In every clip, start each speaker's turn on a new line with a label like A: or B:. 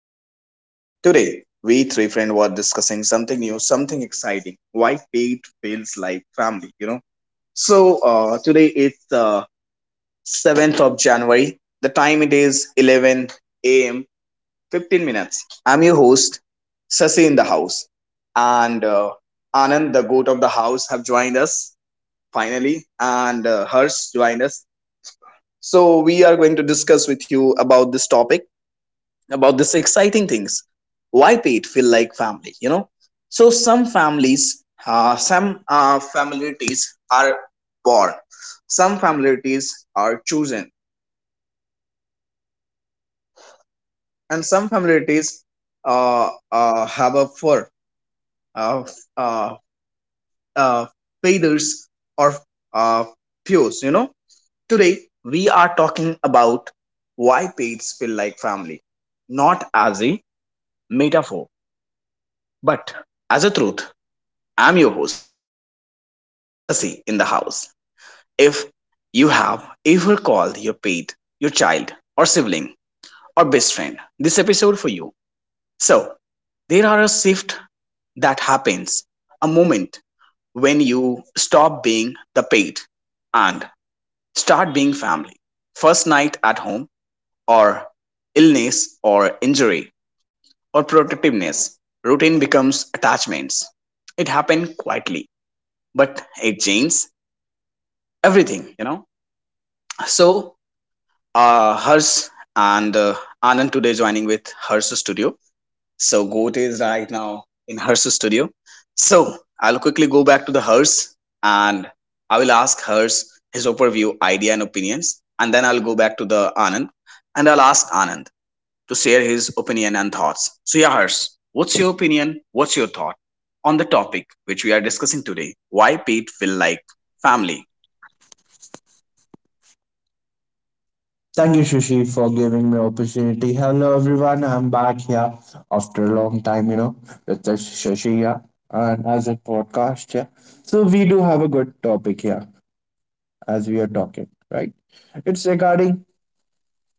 A: I'm your friend. Today, we three friends were discussing something new, something exciting. Why fate feels like family, you know? So, today is the 7th of January. The time it is 11 a.m. 15 minutes. I'm your host, Sasi in the house. And Anand, the goat of the house, have joined us finally. And Harsh joined us. So, we are going to discuss with you about this topic about this exciting things why pet feel like family, you know. So some families, some, familiarities are born, some familiarities are chosen, and some familiarities, have a fur, uh, uh, uh, feathers or, uh, pews, you know. Today we are talking about why pets feel like family, not as a metaphor but as a truth. I'm your host, Sasi, in the house. If you have ever called your pet your child, or sibling, or best friend, this episode for you. So, there are a shift that happens, a moment when you stop being the pet and start being family. First night at home, or illness, or injury, or protectiveness, routine becomes attachments. It happened quietly, but it changes everything, you know. So, Hers and Anand today joining with Hers Studio. So, Goat is right now in Hers Studio. So, I'll quickly go back to the Hers and I will ask Hers his overview, idea, and opinions. And then I'll go back to the Anand and I'll ask Anand to share his opinion and thoughts. So, yeah, Hers, what's your opinion? What's your thought on the topic which we are discussing today? Why Pete feel like family?
B: Thank you, Shishi, for giving me opportunity. Hello, everyone. I'm back here after a long time, you know, with the Shashi here and as a podcast here. So we do have a good topic here as we are talking, right? It's regarding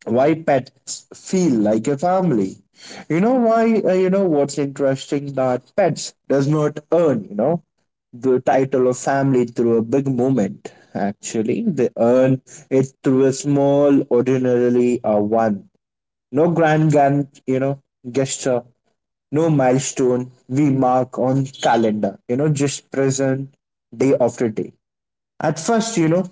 B: why pets feel like a family. You know why? What's interesting that pets does not earn, you know, the title of family through a big moment. Actually, they earn it through a small, ordinarily a one no grand, you know, gesture, no milestone we mark on calendar, you know, just present day after day. At first, you know,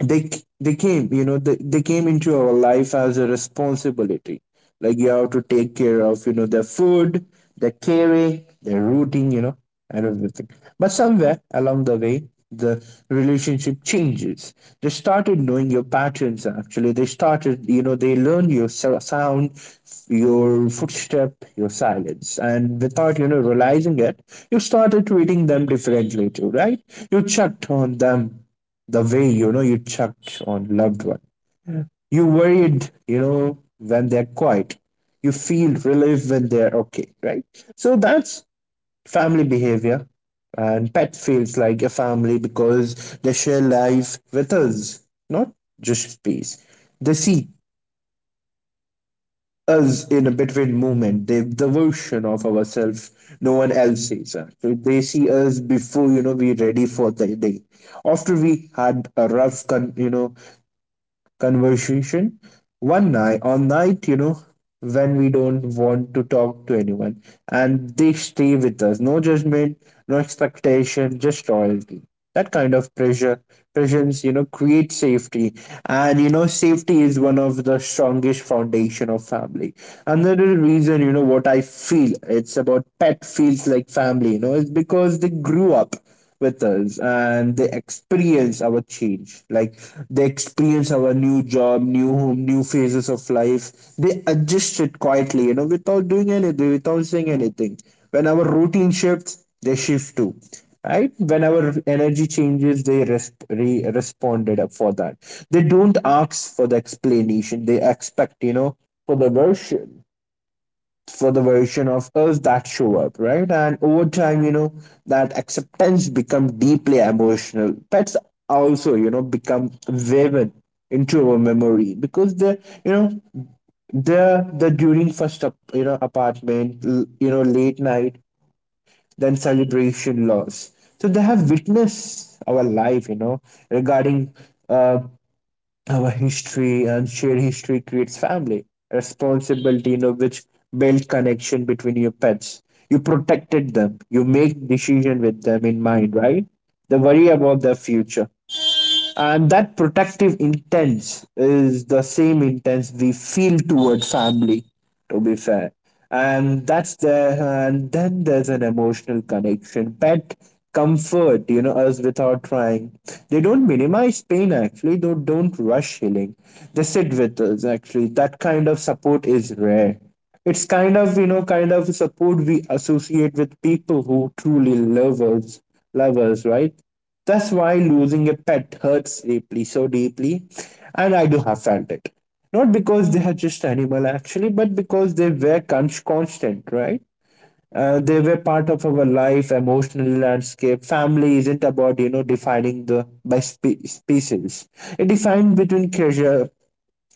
B: they they came, you know, they came into our life as a responsibility, like you have to take care of, you know, their food, their caring, their routine, you know, and everything. But somewhere along the way, the relationship changes. They started knowing your patterns. Actually, they started, you know, they learned your sound, your footstep, your silence, and without, you know, realizing it, you started treating them differently too, right? You checked on them the way, you know, you checked on loved one. You worried, you know, when they're quiet. You feel relief when they're okay, right? So that's family behavior. And pet feels like a family because they share life with us, not just space. They see us in a between movement, they the version of ourselves no one else sees us. So they see us before, you know, we're ready for the day, after we had a you know, conversation, one night on night, you know, when we don't want to talk to anyone, and they stay with us. No judgment, no expectation, just loyalty. That kind of pressure presence, you know, create safety. And you know, safety is one of the strongest foundation of family. Another reason, you know, what I feel it's about pet feels like family, you know, is because they grew up with us, and they experience our change, like they experience our new job, new home, new phases of life. They adjust it quietly, you know, without doing anything, without saying anything. When our routine shifts, they shift too, right? When our energy changes, they responded up for that. They don't ask for the explanation. They expect, you know, for the version, for the version of us that show up, right? And over time, you know, that acceptance become deeply emotional. Pets also, you know, become woven into our memory because they, you know, the during first up, you know, apartment, you know, late night, then celebration loss. So they have witnessed our life, you know, regarding uh, our history. And shared history creates family responsibility, you know, which build connection between your pets. You protected them, you make decision with them in mind, right? They worry about their future, and that protective intent is the same intent we feel toward family. To be fair, and that's there. And then there's an emotional connection. Pet comfort, you know, us without trying. They don't minimize pain. Actually, they don't rush healing. They sit with us. Actually, that kind of support is rare. It's kind of, you know, kind of support we associate with people who truly love us, love us, right? That's why losing a pet hurts deeply, so deeply. And I do have felt it. Not because they are just animal actually, but because they were constant, right? They were part of our life, emotional landscape. Family isn't about, you know, defining the by species. It defines between treasure,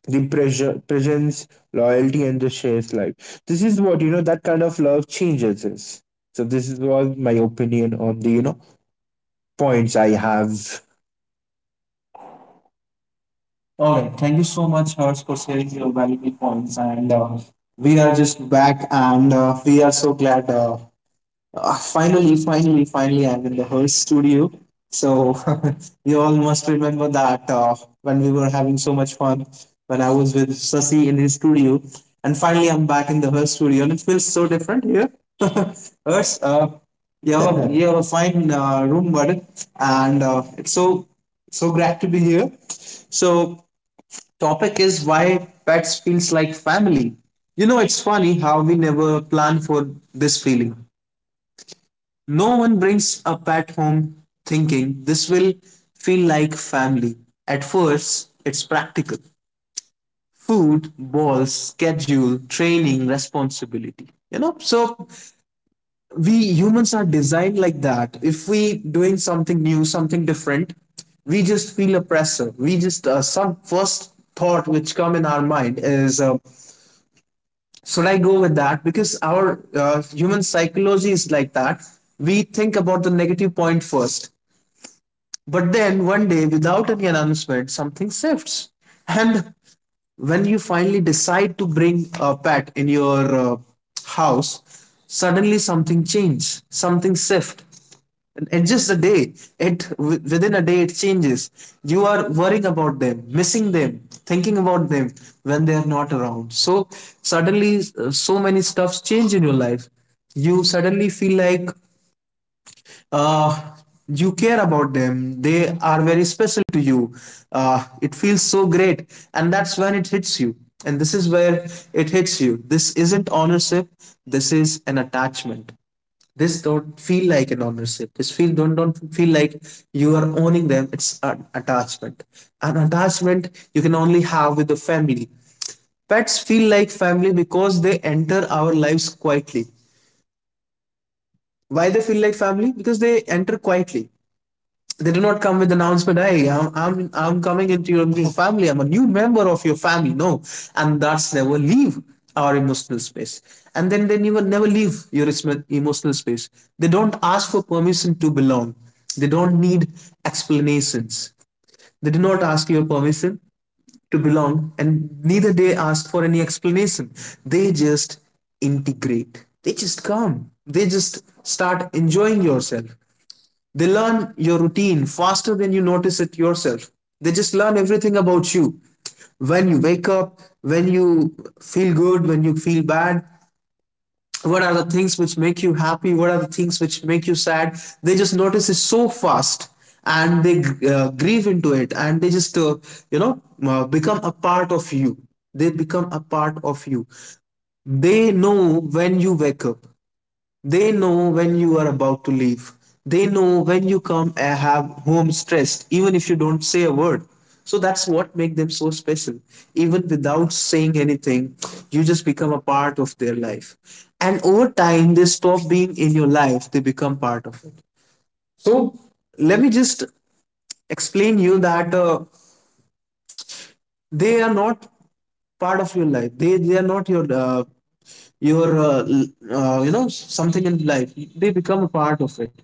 B: the presence, loyalty, and the shared life. This is what, you know, that kind of love changes us. So this is what my opinion on the, you know, points I have. All right. Thank you so much, Harsh, for sharing your valuable points. And we are just back, and we are so glad. Finally, finally, I'm in the Hertz studio. So you all must remember that when we were having so much fun, when I was with Sasi in his studio, and finally I'm back in the Hertz studio, and it feels so different here. Hertz, you have a fine room, buddy, and it's so so glad to be here. So topic is why pets feels like family. You know, it's funny how we never plan for this feeling. No one brings a pet home thinking this will feel like family. At first, it's practical. Food, balls, schedule, training, responsibility. You know, so we humans are designed like that. If we doing something new, something different, we just feel a pressure. We just some first thought which come in our mind is should I go with that, because our human psychology is like that. We think about the negative point first. But then one day, without any announcement, something shifts. And when you finally decide to bring a pet in your house, suddenly something changes, something shifts. And just a day, within a day it changes. You are worrying about them, missing them, thinking about them when they are not around. So suddenly, so many stuffs change in your life. You suddenly feel like uh, you care about them, they are very special to you. It feels so great, and that's when it hits you. And this is where it hits you. This isn't ownership, this is an attachment. This don't feel like an ownership. This feel don't feel like you are owning them. It's an attachment, an attachment you can only have with the family. Pets feel like family because they enter our lives quietly. Why they feel like family? Because they enter quietly. They do not come with announcement. Hey, I'm coming into your new family. I'm a new member of your family. No, and that's never leave our emotional space. And then they never never leave your emotional space. They don't ask for permission to belong. They don't need explanations. They do not ask your permission to belong, and neither they ask for any explanation. They just integrate. They just come. They just start enjoying yourself. They learn your routine faster than you notice it yourself. They just learn everything about you. When you wake up, when you feel good, when you feel bad, what are the things which make you happy, what are the things which make you sad. They just notice it so fast, and they grieve into it, and they just, become a part of you. They become a part of you. They know when you wake up, they know when you are about to leave. They know when you come and have home stressed, even if you don't say a word. So that's what makes them so special. Even without saying anything, you just become a part of their life. And over time, they stop being in your life, they become part of it. So let me just explain you that they are not part of your life. They are not your your uh, you know, something in life. They become a part of it.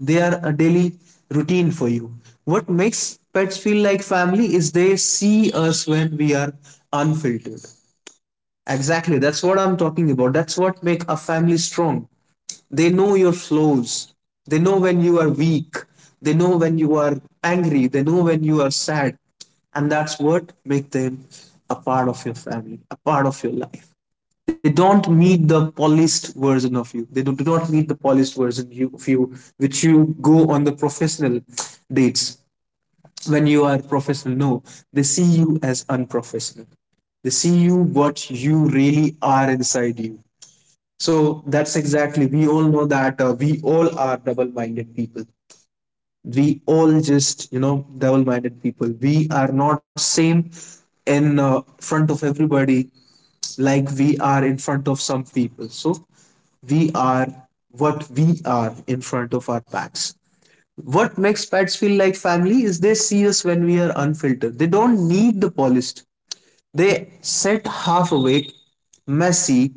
B: They are a daily routine for you. What makes pets feel like family is they see us when we are unfiltered. Exactly, that's what I'm talking about. That's what make a family strong. They know your flaws. They know when you are weak. They know when you are angry. They know when you are sad. And that's what make them a part of your family, a part of your life. They don't meet the polished version of you. Do not meet the polished version of you, which you go on the professional dates, when you are professional. No, they see you as unprofessional. They see you what you really are inside you. So that's exactly. We all know that we all are double-minded people. We all just, you know, double-minded people. We are not same in front of everybody like we are in front of some people. So we are what we are in front of our pets. What makes pets feel like family is they see us when we are unfiltered. They don't need the polished. They sit half awake, messy,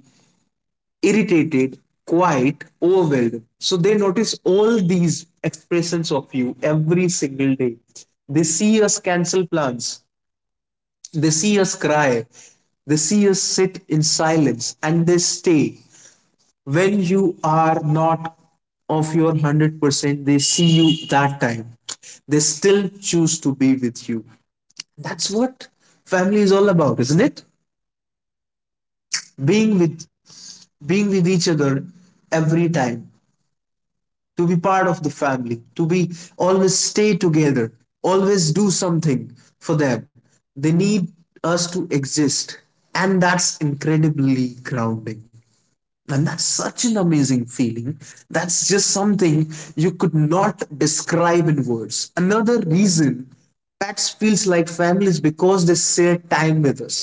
B: irritated, quiet, overwhelmed. So they notice all these expressions of you every single day. They see us cancel plans. They see us cry. They see us sit in silence, and they stay when you are not of your 100%, they see you that time, they still choose to be with you. That's what family is all about, isn't it? Being with, being with each other every time, to be part of the family, to be always stay together, always do something for them. They need us to exist, and that's incredibly grounding. And that's such an amazing feeling. That's just something you could not describe in words. Another reason pets feels like family is because they share time with us.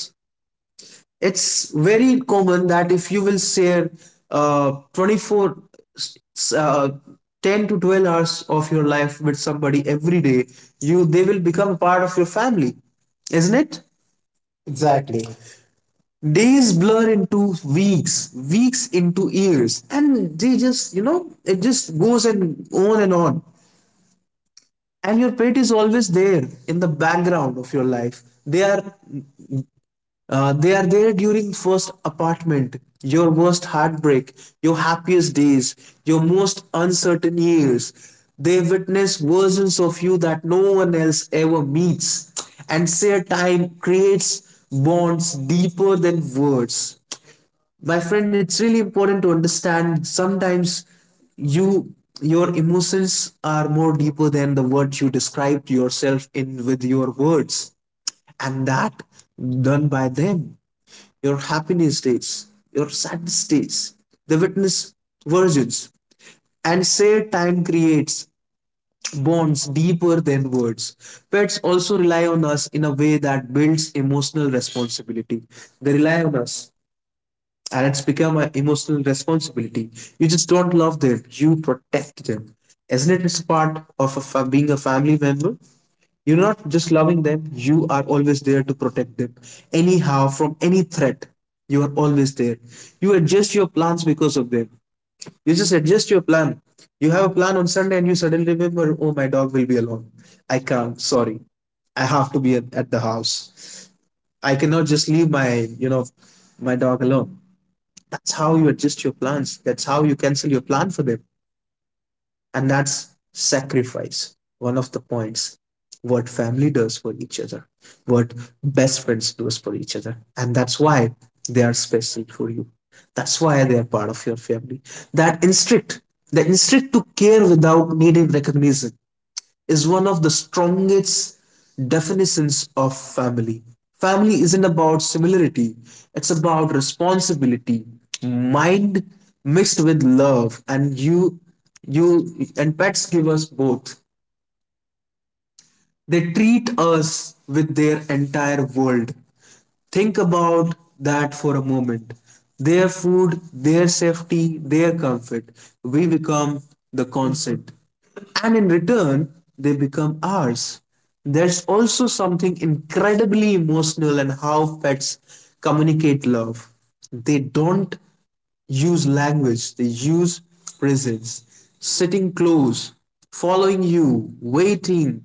B: It's very common that if you will share 24, s- uh, 10 to 12 hours of your life with somebody every day, you they will become a part of your family, isn't it? Exactly. Days blur into weeks, weeks into years, and they just, it just goes and on and on. And your pet is always there in the background of your life. They are, they are there during first apartment, your worst heartbreak, your happiest days, your most uncertain years. They witness versions of you that no one else ever meets, and shared time creates bonds deeper than words. My friend, it's really important to understand sometimes you, your emotions are more deeper than the words you describe to yourself in with your words. And that done by them. Your happiness days, your saddest days, the witness virgins, and say time creates bonds deeper than words. Pets also rely on us in a way that builds emotional responsibility. They rely on us, and it's become an emotional responsibility. You just don't love them, you protect them. Isn't it? It's part of a being a family member. You're not just loving them, you are always there to protect them. Anyhow, from any threat, you are always there. You adjust your plans because of them. You just adjust your plan. You have a plan on Sunday and you suddenly remember, oh, my dog will be alone. I can't, sorry. I have to be at the house. I cannot just leave my, my dog alone. That's how you adjust your plans. That's how you cancel your plan for them. And that's sacrifice. One of the points. What family does for each other, what best friends does for each other. And that's why they are special for you. That's why they are part of your family. That instinct, the instinct to care without needing recognition, is one of the strongest definitions of family. Family isn't about similarity, it's about responsibility, mind mixed with love, and you and pets give us both. They treat us with their entire world. Think about that for a moment. Their food, their safety, their comfort. We become the consent. And in return, they become ours. There's also something incredibly emotional in how pets communicate love. They don't use language, they use presence, sitting close, following you, waiting.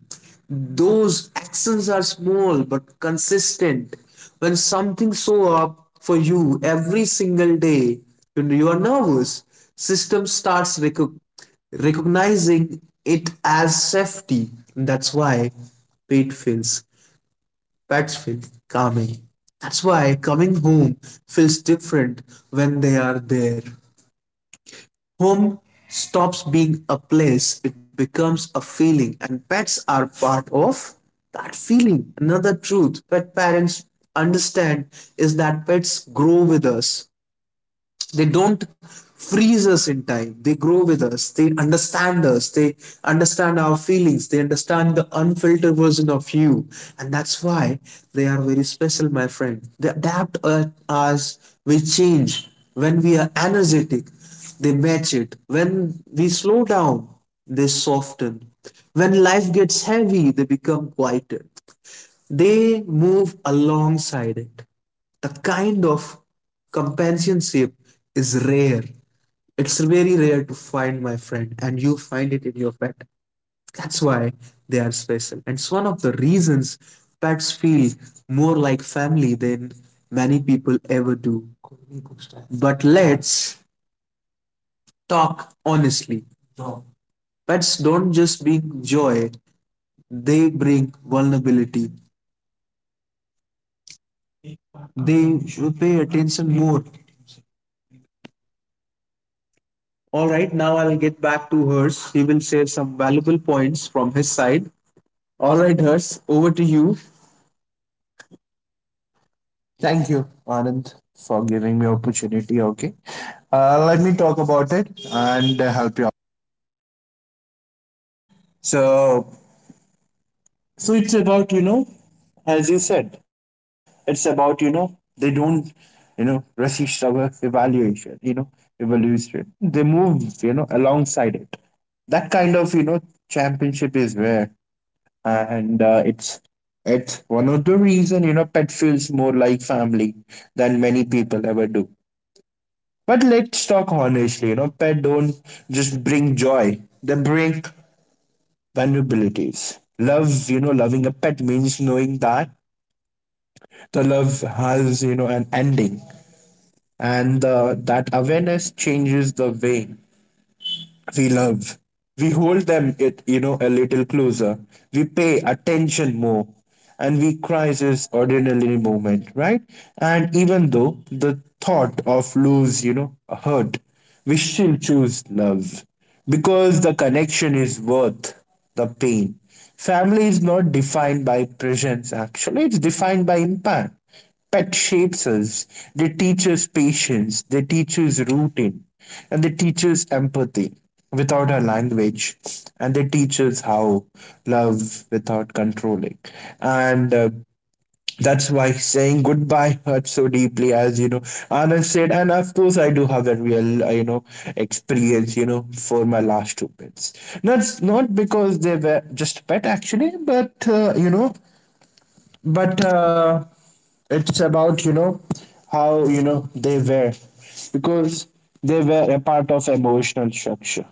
B: Those actions are small but consistent. When something shows up for you every single day, when you are nervous, system starts recognizing it as safety. And that's why pet feels pets feel calming. That's why coming home feels different when they are there. Home stops being a place, it becomes a feeling, and pets are part of that feeling. Another truth pet parents understand is that pets grow with us. They don't freeze us in time, they grow with us, they understand us, they understand our feelings, they understand the unfiltered version of you. And that's why they are very special, my friend. They adapt us we change. When we are energetic, they match it. When we slow down, they soften. When life gets heavy, they become quieter, they move alongside it. The kind of companionship is rare. It's very rare to find, my friend, and you find it in your pet. That's why they are special. And it's one of the reasons pets feel more like family than many people ever do. But let's talk honestly. Pets don't just bring joy, they bring vulnerability. They should pay attention more. All right, now I'll get back to Hers. He will share some valuable points from his side. All right, Hers, over to you. Thank you, Anand, for giving me opportunity. Okay, let me talk about it and help you. So, so, it's about, you know, as you said, it's about, you know, they don't, you know, resist our evaluation. You know, evolution. They move, you know, alongside it. That kind of, you know, championship is where. And it's one of the reason, you know, pet feels more like family than many people ever do. But let's talk honestly. You know, pet don't just bring joy; they bring vulnerabilities. Love, you know, loving a pet means knowing that the love has, you know, an ending, and that awareness changes the way we love. We hold them, it, you know, a little closer. We pay attention more, and we prize this ordinary moment, right? And even though the thought of lose, you know, hurt, we still choose love because the connection is worth the pain. Family is not defined by presence. Actually, it's defined by impact. Pet shapes us. They teach us patience. They teach us routine. And they teach us empathy without our language. And they teach us how love without controlling. And That's why saying goodbye hurts so deeply, as you know, Anand said. And of course, I do have a real, you know, experience, you know, for my last two pets. That's not because they were just pet, actually, but, you know, but it's about, you know, how, you know, they were, because they were a part of emotional structure.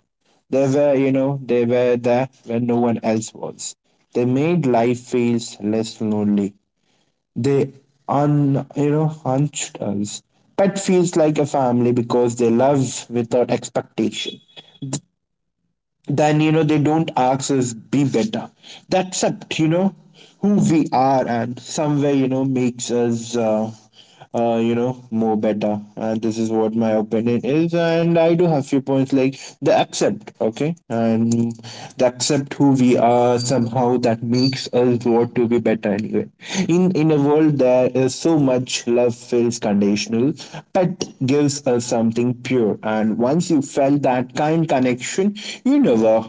B: They were, you know, they were there when no one else was. They made life feels less lonely. They un you know, hunched us. Pet feels like a family because they love without expectation. Then, you know, they don't ask us be better. That accept, you know, who we are, and somewhere, you know, makes us you know, more better. And this is what my opinion is, and I do have few points like the accept, okay, and the accept who we are somehow that makes us want to be better anyway. In a world there is so much love feels conditional, pet gives us something pure. And once you felt that kind connection, you never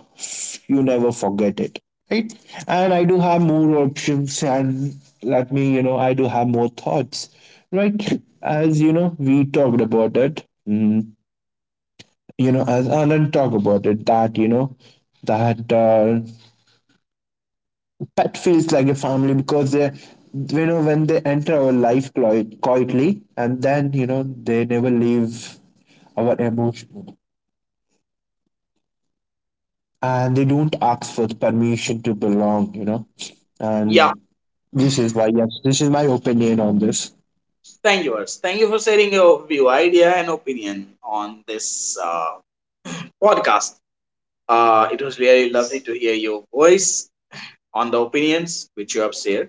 B: you never forget it. Right? And I do have more options and let me, you know, I do have more thoughts. Right? As you know, we talked about it. Mm, you know, as Anand talked about it, that, you know, that pet feels like a family because they, you know, when they enter our life quietly and then, you know, they never leave our emotion. And they don't ask for the permission to belong, you know. And this is why, yes, this is my opinion on this.
A: Thank you, Ars. Thank you for sharing your view, idea, and opinion on this podcast. It was really lovely to hear your voice on the opinions which you have shared.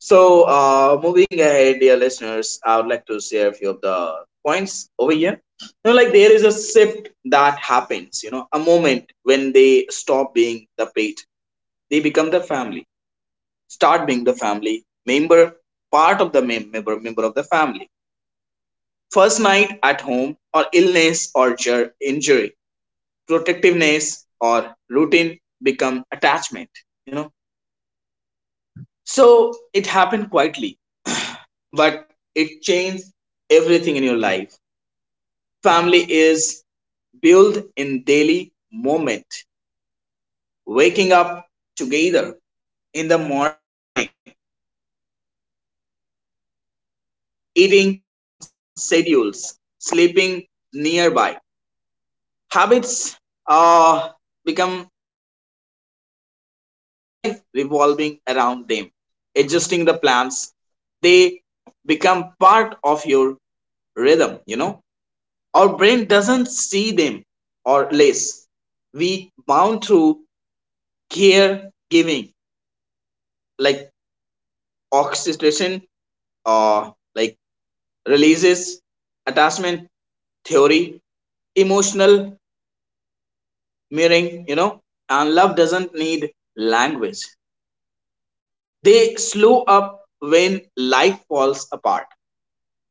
A: So, moving ahead, dear listeners, I would like to share a few of the points over here. You know, like there is a shift that happens, you know, a moment when they stop being the pet, they become the family, start being the family member, part of the member, member of the family. First night at home or illness or injury, protectiveness or routine become attachment, you know. So it happened quietly, but it changed everything in your life. Family is built in daily moment, waking up together in the morning, eating on schedules, sleeping nearby, habits, uh, become your life, and life revolving around them. Adjusting the plans, they become part of your rhythm, you know. Our brain doesn't see them or less. We bound through care giving, like oxytocin, or like releases, attachment theory, emotional mirroring, you know, and love doesn't need language. They slow up when life falls apart.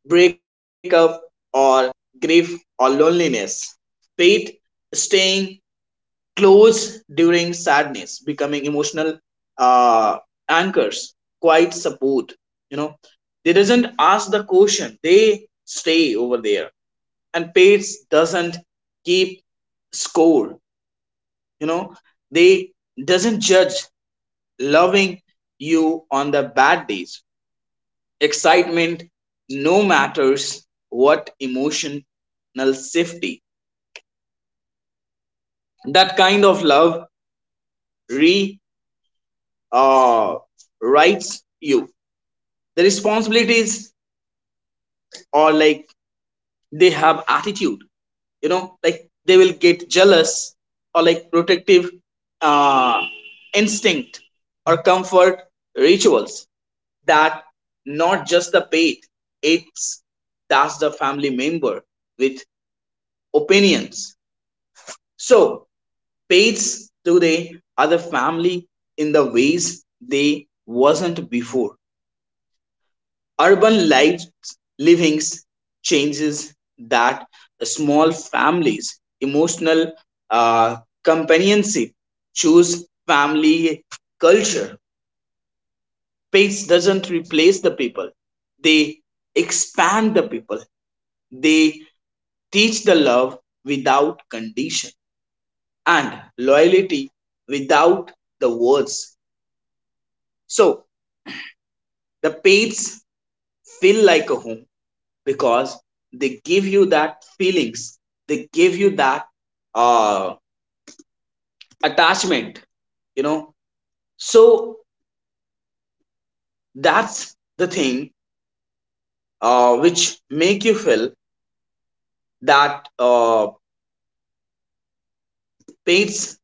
A: Breakup or grief or loneliness. Pete staying close during sadness, becoming emotional, uh, anchors, quite support. You know, they doesn't ask the question; they stay over there. And Pete doesn't keep score. You know, they doesn't judge, loving you on the bad days, excitement, no matters what, emotional safety. That kind of love, re uh, writes you the responsibilities, or like they have attitude, you know, like they will get jealous or like protective, uh, instinct or comfort rituals. That not just the pet, it's, that's the family member with opinions. So pets today are the family in the ways they wasn't before. Urban life livings changes that, the small families, emotional, uh, companionship, choose family culture. Pets doesn't replace the people. They expand the people. They teach the love without condition and loyalty without the words. So the pets feel like a home because they give you that feelings. They give you that, uh, attachment. You know, so that's the thing, which make you feel that, pets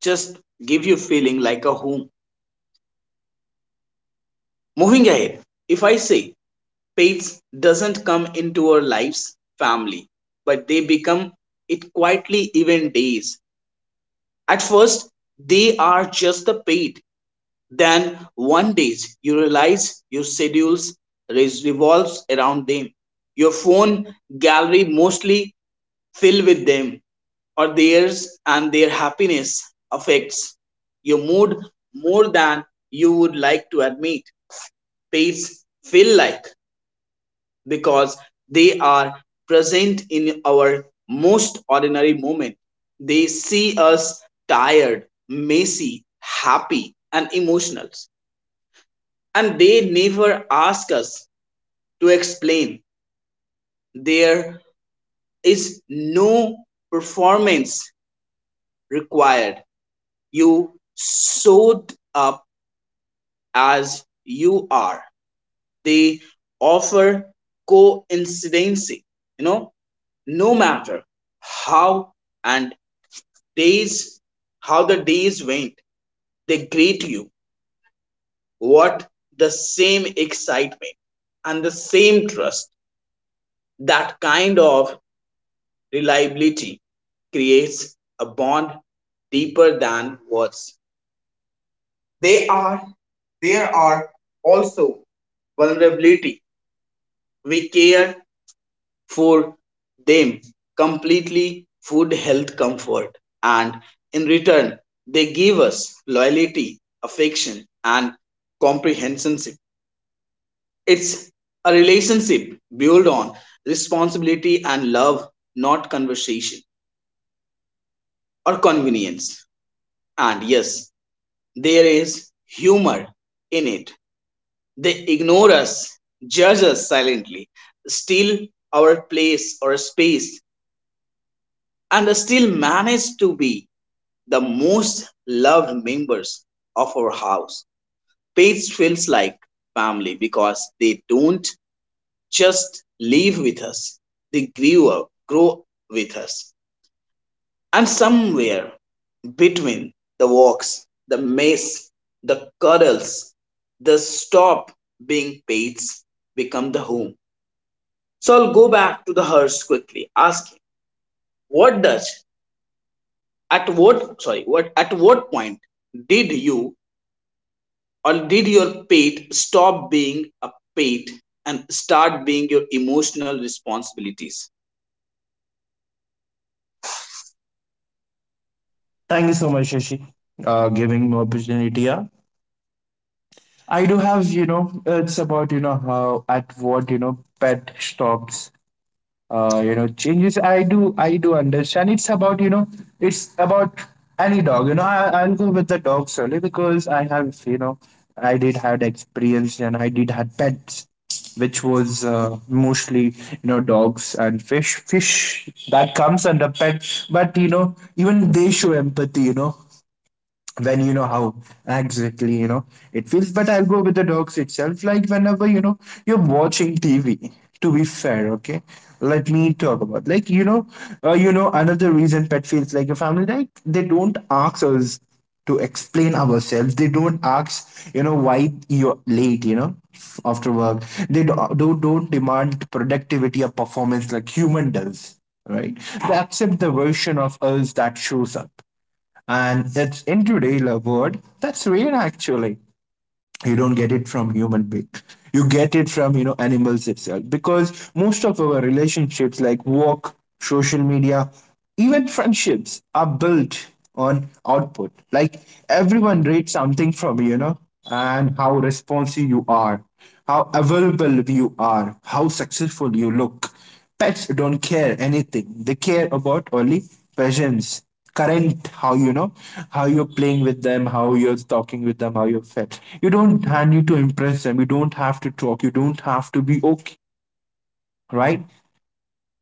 A: just give you feeling like a home. Moving ahead, if I say pets doesn't come into our lives family, but they become it quietly even days. At first, they are just a pet. Then one day you realize your schedules revolves around them. Your phone gallery mostly filled with them or theirs, and their happiness affects your mood more than you would like to admit. Pains feel like because they are present in our most ordinary moment. They see us tired, messy, happy, and emotional, and they never ask us to explain. There is no performance required. You showed up as you are. They offer coincidency, you know, no matter how and days, how the days went, they greet you. What the same excitement and the same trust. That kind of reliability creates a bond deeper than words. They are there are also vulnerability. We care for them completely, food, health, comfort, and in return, they give us loyalty, affection, and comprehension. It's a relationship built on responsibility and love, not conversation or convenience. And yes, there is humor in it. They ignore us, judge us silently, steal our place or space, and still manage to be the most loved members of our house. Pets feels like family because they don't just live with us; grow with us. And somewhere between the walks, the mess, the cuddles, the stop being pets become the home. So I'll go back to the hearse quickly, asking, what does what at what point did you or did your pet stop being a pet and start being your emotional responsibilities?
B: Thank you so much, Shashi, giving me opportunity. Yeah. I do have, you know, it's about, you know, how at what, you know, pet stops you know changes. I do understand, it's about, you know, it's about any dog, you know. I'll go with the dogs only because I have, you know, I did had experience and I did had pets, which was mostly, you know, dogs and fish that comes under pet, but you know, even they show empathy, you know, when, you know, how exactly, you know, it feels. But I'll go with the dogs itself. Like, whenever you know you're watching TV, to be fair, okay, let me talk about like, you know, you know, another reason pet feels like a family, like they don't ask us to explain ourselves. They don't ask, you know, why you're late, you know, after work. They don't demand productivity or performance like human does, right? They accept the version of us that shows up, and it's in today's world that's rare actually. You don't get it from human being. You get it from, you know, animals itself, because most of our relationships like work, social media, even friendships are built on output, like everyone reads something from you, you know, and how responsive you are, how available you are, how successful you look. Pets don't care anything. They care about only presence, current, how, you know, how you're playing with them, how you're talking with them, how you're fed. You don't and you to impress them. You don't have to talk. You don't have to be okay, right?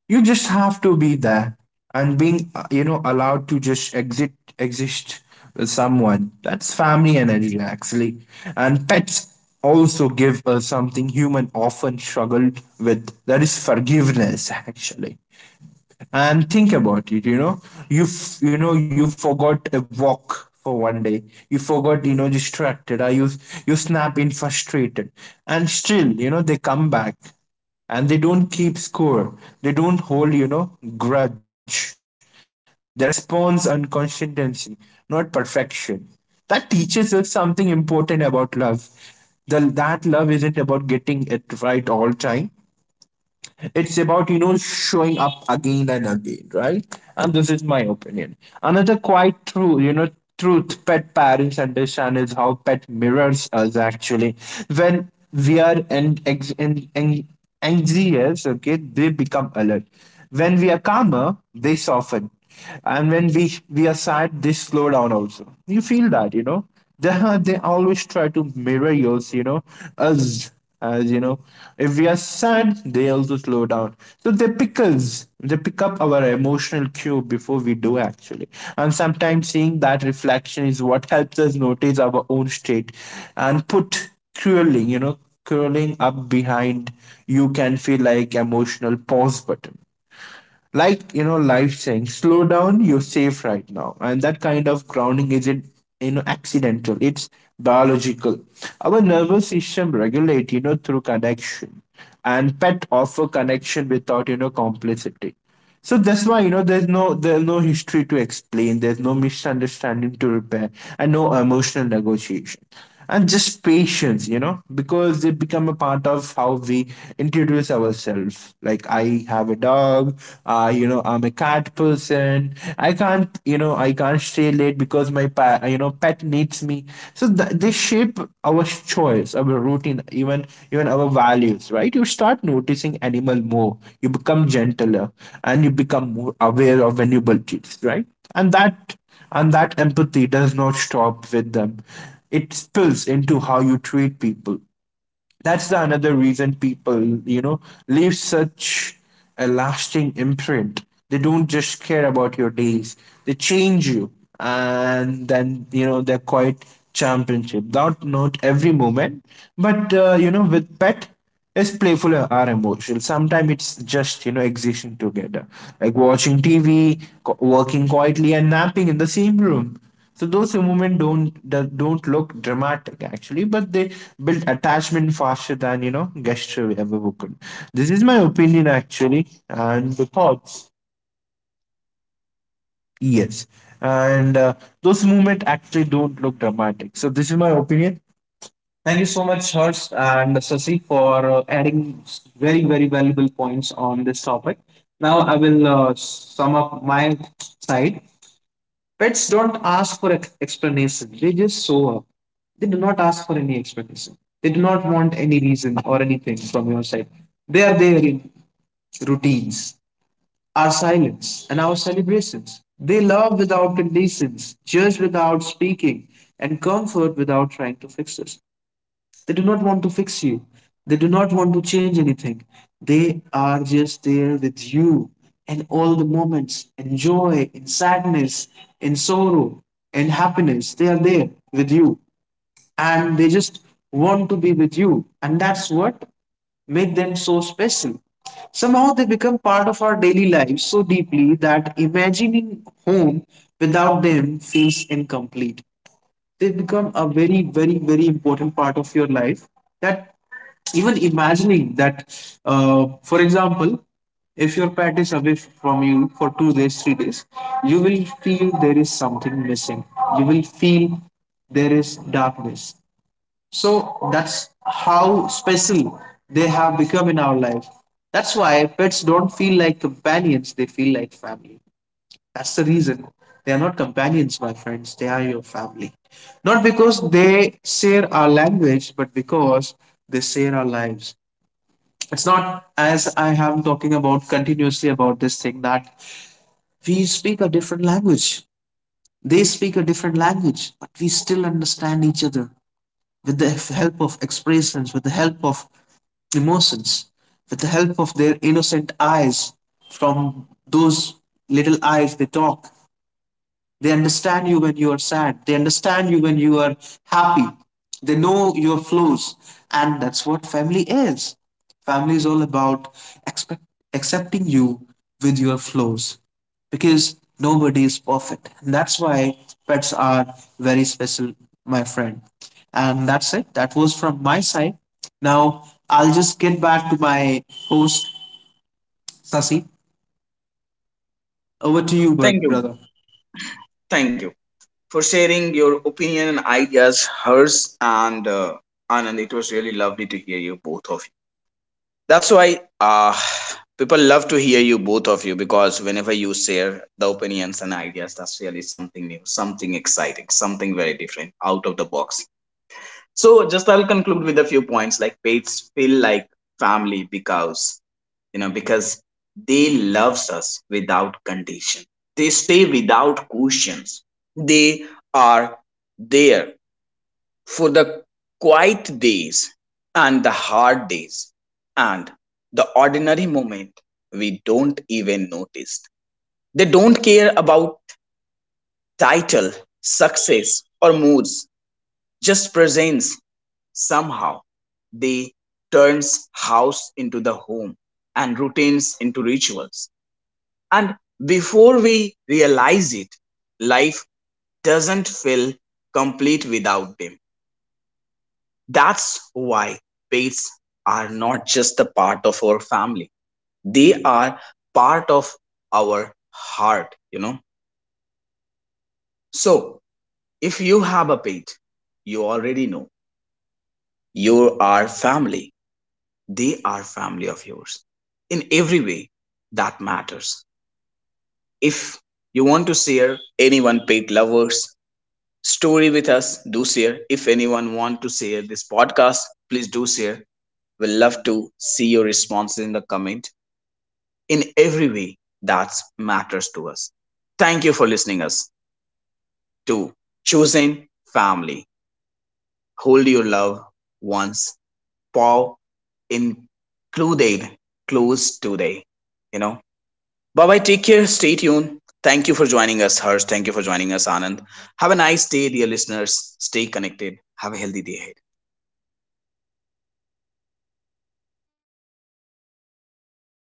B: You just have to be there and being allowed to just exit exist with someone that's family energy actually. And pets also give us something human often struggle with, that is forgiveness actually. And think about it. You f- you know you forgot a walk for one day. You forgot, distracted, or you snap in frustrated. And still, they come back, and they don't keep score. They don't hold grudge. They response and consistency, not perfection. That teaches us something important about love, that love isn't about getting it right all time. It's about, showing up again and again, right? And this is my opinion. Another quite true, truth pet parents understand is how pet mirrors us actually. When we are and ex- in anxious, okay, they become alert. When we are calmer, they soften. And when we are sad, they slow down also. You feel that, you know? They, they always try to mirror yours, you know, us as you know, if we are sad, they also slow down. So they pick up our emotional cue before we do actually. And sometimes seeing that reflection is what helps us notice our own state and put curling, you know, curling up behind. You can feel like emotional pause button, like, life saying slow down, you're safe right now. And that kind of grounding isn't accidental, it's biological. Our nervous system regulate through connection, and pet offer connection without complicity. So that's why, there's no history to explain, there's no misunderstanding to repair, and no emotional negotiation, and just patience, because they become a part of how we introduce ourselves, like I have a dog, I'm a cat person, I can't stay late because my pet needs me. So they shape our choice, our routine, even our values, right. You start noticing animal more, you become gentler, and you become more aware of vulnerabilities, right. And that empathy does not stop with them, it spills into how you treat people. That's the another reason people, leave such a lasting imprint. They don't just care about your days. They change you. And then, they're quite championship. Not every moment, but with pet is playful or emotional. Sometimes it's just existing together, like watching TV, working quietly, and napping in the same room. So those movements don't that don't look dramatic actually, but they build attachment faster than gesture ever could. This is my opinion actually, and the thoughts. Yes, and those movements actually don't look dramatic. So this is my opinion. Thank you so much, Harsh and Sasi, for adding very, very valuable points on this topic. Now, I will sum up my side. Pets don't ask for explanation, they just show up. They do not ask for any explanation. They do not want any reason or anything from your side. They are there in routines, our silence, and our celebrations. They love without conditions, judge without speaking, and comfort without trying to fix us. They do not want to fix you. They do not want to change anything. They are just there with you in all the moments, in joy, in sadness, in sorrow, in happiness. They are there with you, and they just want to be with you. And that's what make them so special. Somehow they become part of our daily lives so deeply that imagining home without them feels incomplete. They become a very, very, very important part of your life, that even imagining that, for example, if your pet is away from you for 2 days 3 days, you will feel there is something missing. You will feel there is darkness. So that's how special they have become in our life. That's why pets don't feel like companions, they feel like family. That's the reason. They are not companions, my friends. They are your family. Not because they share our language, but because they share our lives. It's not as I am talking about continuously about this thing, that we speak a different language. They speak a different language, but we still understand each other with the help of expressions, with the help of emotions, with the help of their innocent eyes. From those little eyes, they talk. They understand you when you are sad. They understand you when you are happy. They know your flaws. And that's what family is. Family is all about expect, accepting you with your flaws, because nobody is perfect. And that's why pets are very special, my friend. And that's it. That was from my side. Now I'll just get back to my host, Sasi. Over to you,
A: Thank
B: brother.
A: you. Thank you for sharing your opinion and ideas, hers and Anand. It was really lovely to hear you both of you. That's why, people love to hear you both of you, because whenever you share the opinions and ideas, that's really something new, something exciting, something very different, out of the box. So just I'll conclude with a few points like pets feel like family because, you know, because they loves us without condition. They stay without questions. They are there for the quiet days and the hard days and the ordinary moment we don't even notice. They don't care about title, success, or moods, just presence. Somehow, they turns house into the home and routines into rituals. And before we realize it, life doesn't feel complete without them. That's why pets are not just a part of our family, they are part of our heart, you know. So, if you have a pet, you already know you are family, they are family of yours in every way that matters. If you want to share anyone pet lovers story with us, do share. If anyone want to share this podcast, please do share. We will love to see your responses in the comment in every way that matters to us. Thank you for listening us to Choosing Family. Hold your love once, Paul included close today. You know. Bye bye. Take care. Stay tuned. Thank you for joining us, Harsh. Thank you for joining us, Anand. Have a nice day, dear listeners. Stay connected. Have a healthy day ahead.